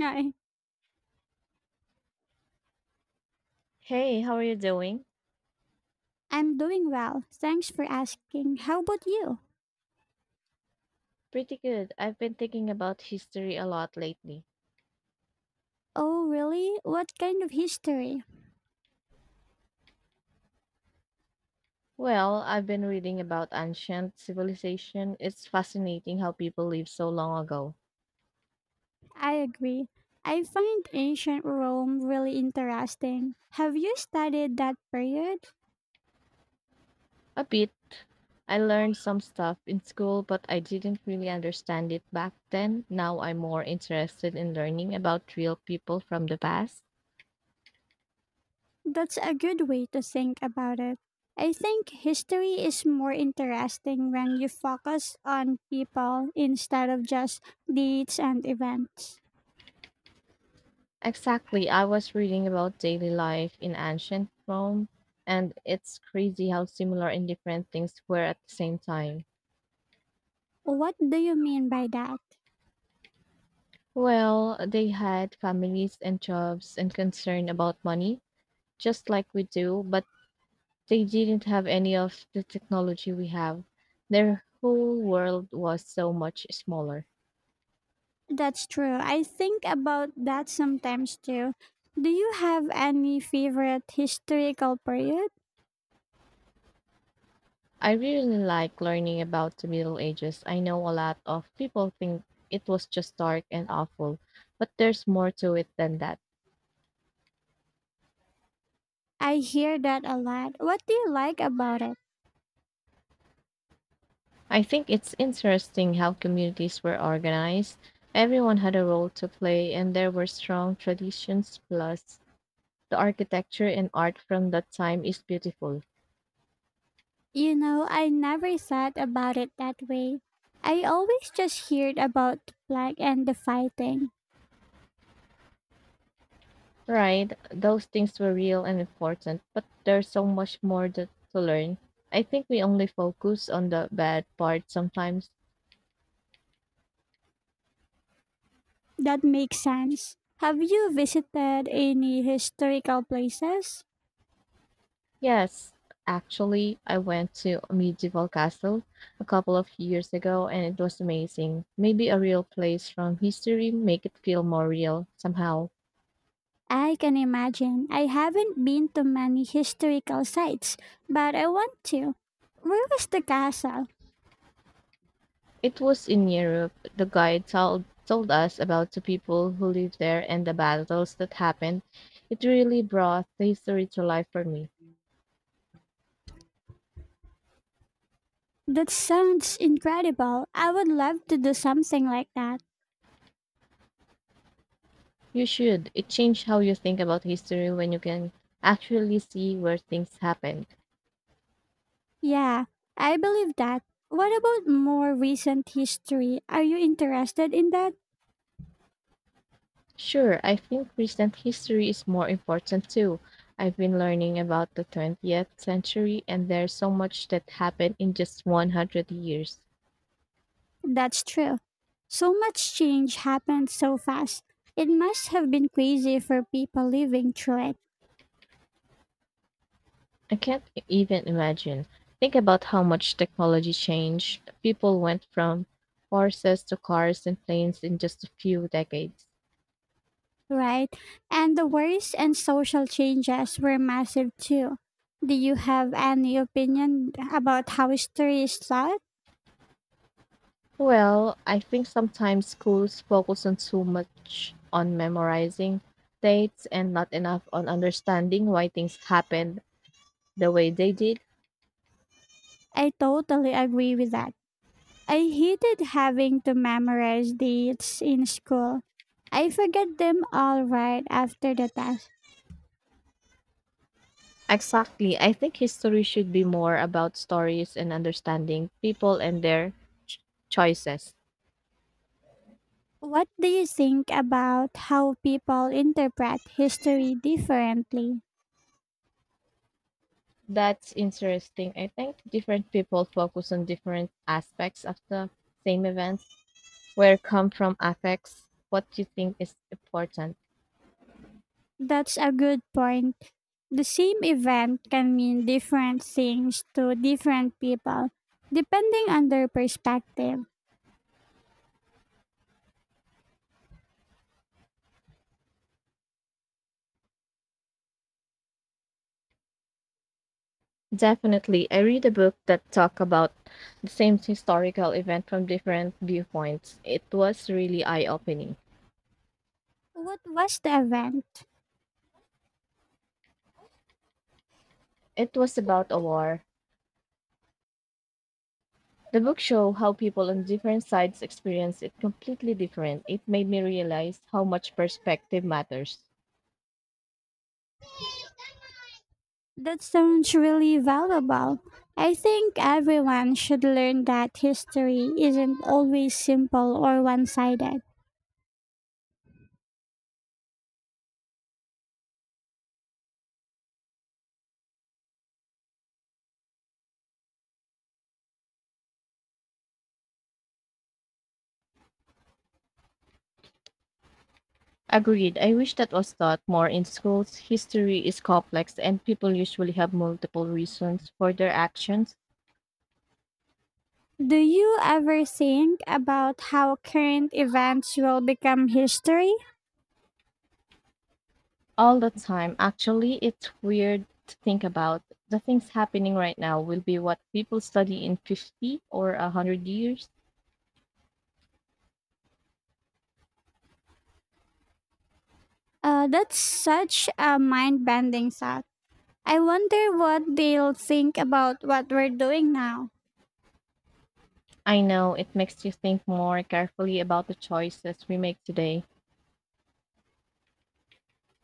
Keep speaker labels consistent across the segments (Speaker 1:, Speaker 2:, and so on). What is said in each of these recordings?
Speaker 1: Hi.
Speaker 2: Hey, how are you doing?
Speaker 1: I'm doing well. Thanks for asking. How about you?
Speaker 2: Pretty good. I've been thinking about history a lot lately.
Speaker 1: Oh, really? What kind of history?
Speaker 2: Well, I've been reading about ancient civilization. It's fascinating how people lived so long ago.
Speaker 1: I agree. I find ancient Rome really interesting. Have you studied that period?
Speaker 2: A bit. I learned some stuff in school, but I didn't really understand it back then. Now I'm more interested in learning about real people from the past.
Speaker 1: That's a good way to think about it. I think history is more interesting when you focus on people instead of just dates and events.
Speaker 2: Exactly. I was reading about daily life in ancient Rome, and it's crazy how similar and different things were at the same time.
Speaker 1: What do you mean by that?
Speaker 2: Well, they had families and jobs and concern about money, just like we do, but they didn't have any of the technology we have. Their whole world was so much smaller.
Speaker 1: That's true. I think about that sometimes too. Do you have any favorite historical period?
Speaker 2: I really like learning about the Middle Ages. I know a lot of people think it was just dark and awful, but there's more to it than that.
Speaker 1: I hear that a lot. What do you like about it?
Speaker 2: I think it's interesting how communities were organized. Everyone had a role to play, and there were strong traditions plus the architecture and art from that time is beautiful.
Speaker 1: You know, I never thought about it that way. I always just heard about the plague and the fighting.
Speaker 2: Right, those things were real and important, but there's so much more that, to learn. I think we only focus on the bad part sometimes.
Speaker 1: That makes sense. Have you visited any historical places?
Speaker 2: Yes, actually, I went to a medieval castle a couple of years ago and it was amazing. Maybe a real place from history make it feel more real somehow.
Speaker 1: I can imagine. I haven't been to many historical sites, but I want to. Where was the castle?
Speaker 2: It was in Europe. The guide told us about the people who lived there and the battles that happened. It really brought the history to life for me.
Speaker 1: That sounds incredible. I would love to do something like that.
Speaker 2: You should. It changed how you think about history when you can actually see where things happened.
Speaker 1: Yeah, I believe that. What about more recent history? Are you interested in that?
Speaker 2: Sure, I think recent history is more important too. I've been learning about the 20th century and there's so much that happened in just 100 years.
Speaker 1: That's true. So much change happened so fast. It must have been crazy for people living through it,
Speaker 2: I can't even imagine. Think about how much technology changed. People went from horses to cars and planes in just a few decades.
Speaker 1: right? And the wars and social changes were massive too. Do you have any opinion about how history is taught?
Speaker 2: Well, I think sometimes schools focus on too much on memorizing dates and not enough on understanding why things happened the way they did.
Speaker 1: I totally agree with that. I hated having to memorize dates in school. I forget them all right after the test.
Speaker 2: Exactly. I think history should be more about stories and understanding people and their ch- choices.
Speaker 1: What do you think about how people interpret history differently?
Speaker 2: That's interesting. I think different people focus on different aspects of the same events. Where come from affects what you think is important.
Speaker 1: That's a good point. The same event can mean different things to different people, depending on their perspective.
Speaker 2: Definitely, I read a book that talk about the same historical event from different viewpoints. It was really eye-opening.
Speaker 1: What was the event?
Speaker 2: It was about a war. The book show how people on different sides experience it completely different. It made me realize how much perspective matters.
Speaker 1: That sounds really valuable. I think everyone should learn that history isn't always simple or one sided.
Speaker 2: Agreed. I wish that was taught more in schools. History is complex, and people usually have multiple reasons for their actions
Speaker 1: Do you ever think about how current events will become history?
Speaker 2: all the time. Actually, it's weird to think about. The things happening right now will be what people study in 50 or 100 years.
Speaker 1: That's such a mind bending thought. I wonder what they'll think about what we're doing now.
Speaker 2: I know it makes you think more carefully about the choices we make today.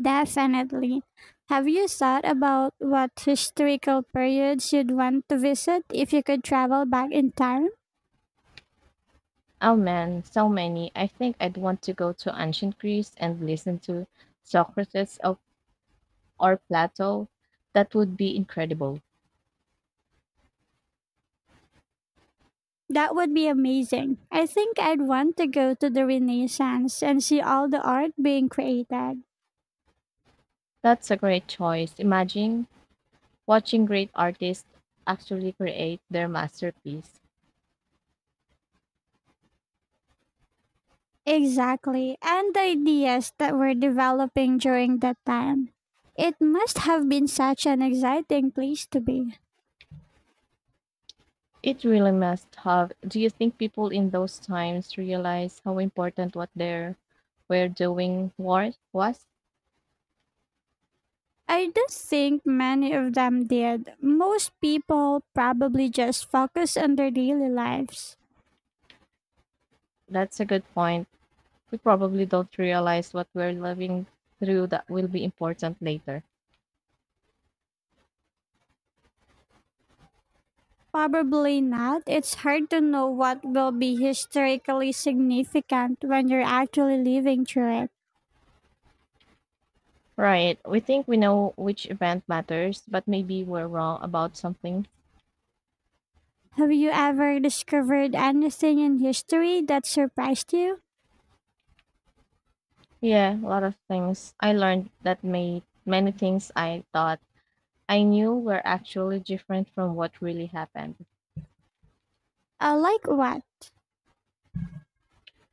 Speaker 1: Definitely. Have you thought about what historical periods you'd want to visit if you could travel back in time?
Speaker 2: Oh man, so many. I think I'd want to go to ancient Greece and listen to Socrates of, or Plato. That would be incredible.
Speaker 1: That would be amazing. I think I'd want to go to the Renaissance and see all the art being created.
Speaker 2: That's a great choice. Imagine watching great artists actually create their masterpiece.
Speaker 1: Exactly, and the ideas that were developing during that time. It must have been such an exciting place to be.
Speaker 2: It really must have. Do you think people in those times realize how important what they were doing war was?
Speaker 1: I don't think many of them did. Most people probably just focus on their daily lives.
Speaker 2: That's a good point. We probably don't realize what we're living through that will be important later.
Speaker 1: Probably not. It's hard to know what will be historically significant when you're actually living through it.
Speaker 2: Right. We think we know which event matters, but maybe we're wrong about something.
Speaker 1: Have you ever discovered anything in history that surprised you?
Speaker 2: Yeah, a lot of things. I learned that made many things I thought I knew were actually different from what really happened.
Speaker 1: Like what?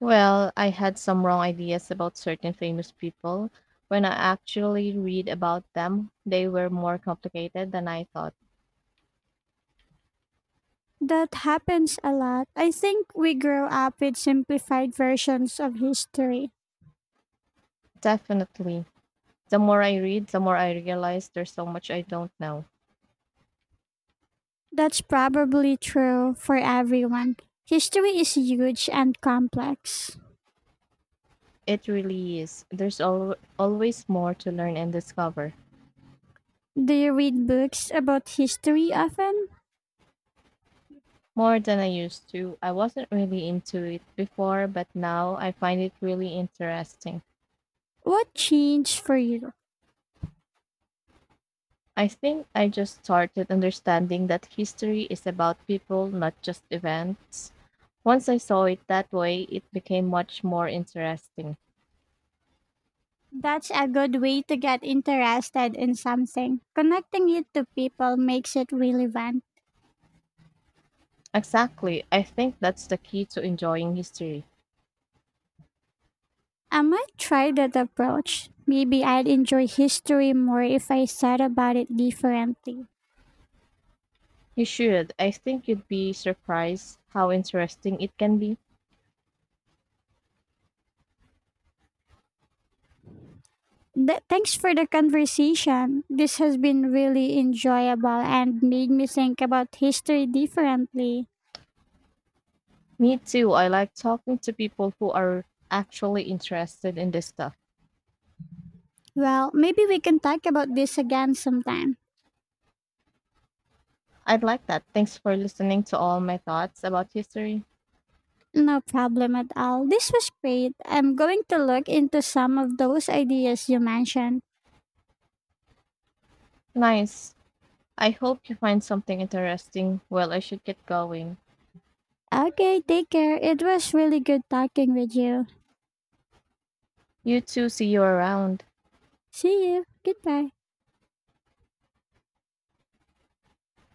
Speaker 2: Well, I had some wrong ideas about certain famous people. When I actually read about them, they were more complicated than I thought.
Speaker 1: That happens a lot. I think we grow up with simplified versions of history.
Speaker 2: Definitely. The more I read, the more I realize there's so much I don't know.
Speaker 1: That's probably true for everyone. History is huge and complex.
Speaker 2: It really is. There's always more to learn and discover.
Speaker 1: Do you read books about history often?
Speaker 2: More than I used to. I wasn't really into it before, but now I find it really interesting.
Speaker 1: What changed for you?
Speaker 2: I think I just started understanding that history is about people, not just events. Once I saw it that way, it became much more interesting.
Speaker 1: That's a good way to get interested in something. Connecting it to people makes it relevant.
Speaker 2: Exactly. I think that's the key to enjoying history.
Speaker 1: I might try that approach. Maybe I'd enjoy history more if I thought about it differently.
Speaker 2: You should. I think you'd be surprised how interesting it can be.
Speaker 1: Thanks for the conversation. This has been really enjoyable and made me think about history differently.
Speaker 2: Me too. I like talking to people who are actually interested in this stuff.
Speaker 1: Well, maybe we can talk about this again sometime.
Speaker 2: I'd like that. Thanks for listening to all my thoughts about history.
Speaker 1: No problem at all. This was great. I'm going to look into some of those ideas you mentioned.
Speaker 2: Nice. I hope you find something interesting. Well, I should get going.
Speaker 1: Okay, take care. It was really good talking with you.
Speaker 2: You too, see you around.
Speaker 1: See you. Goodbye.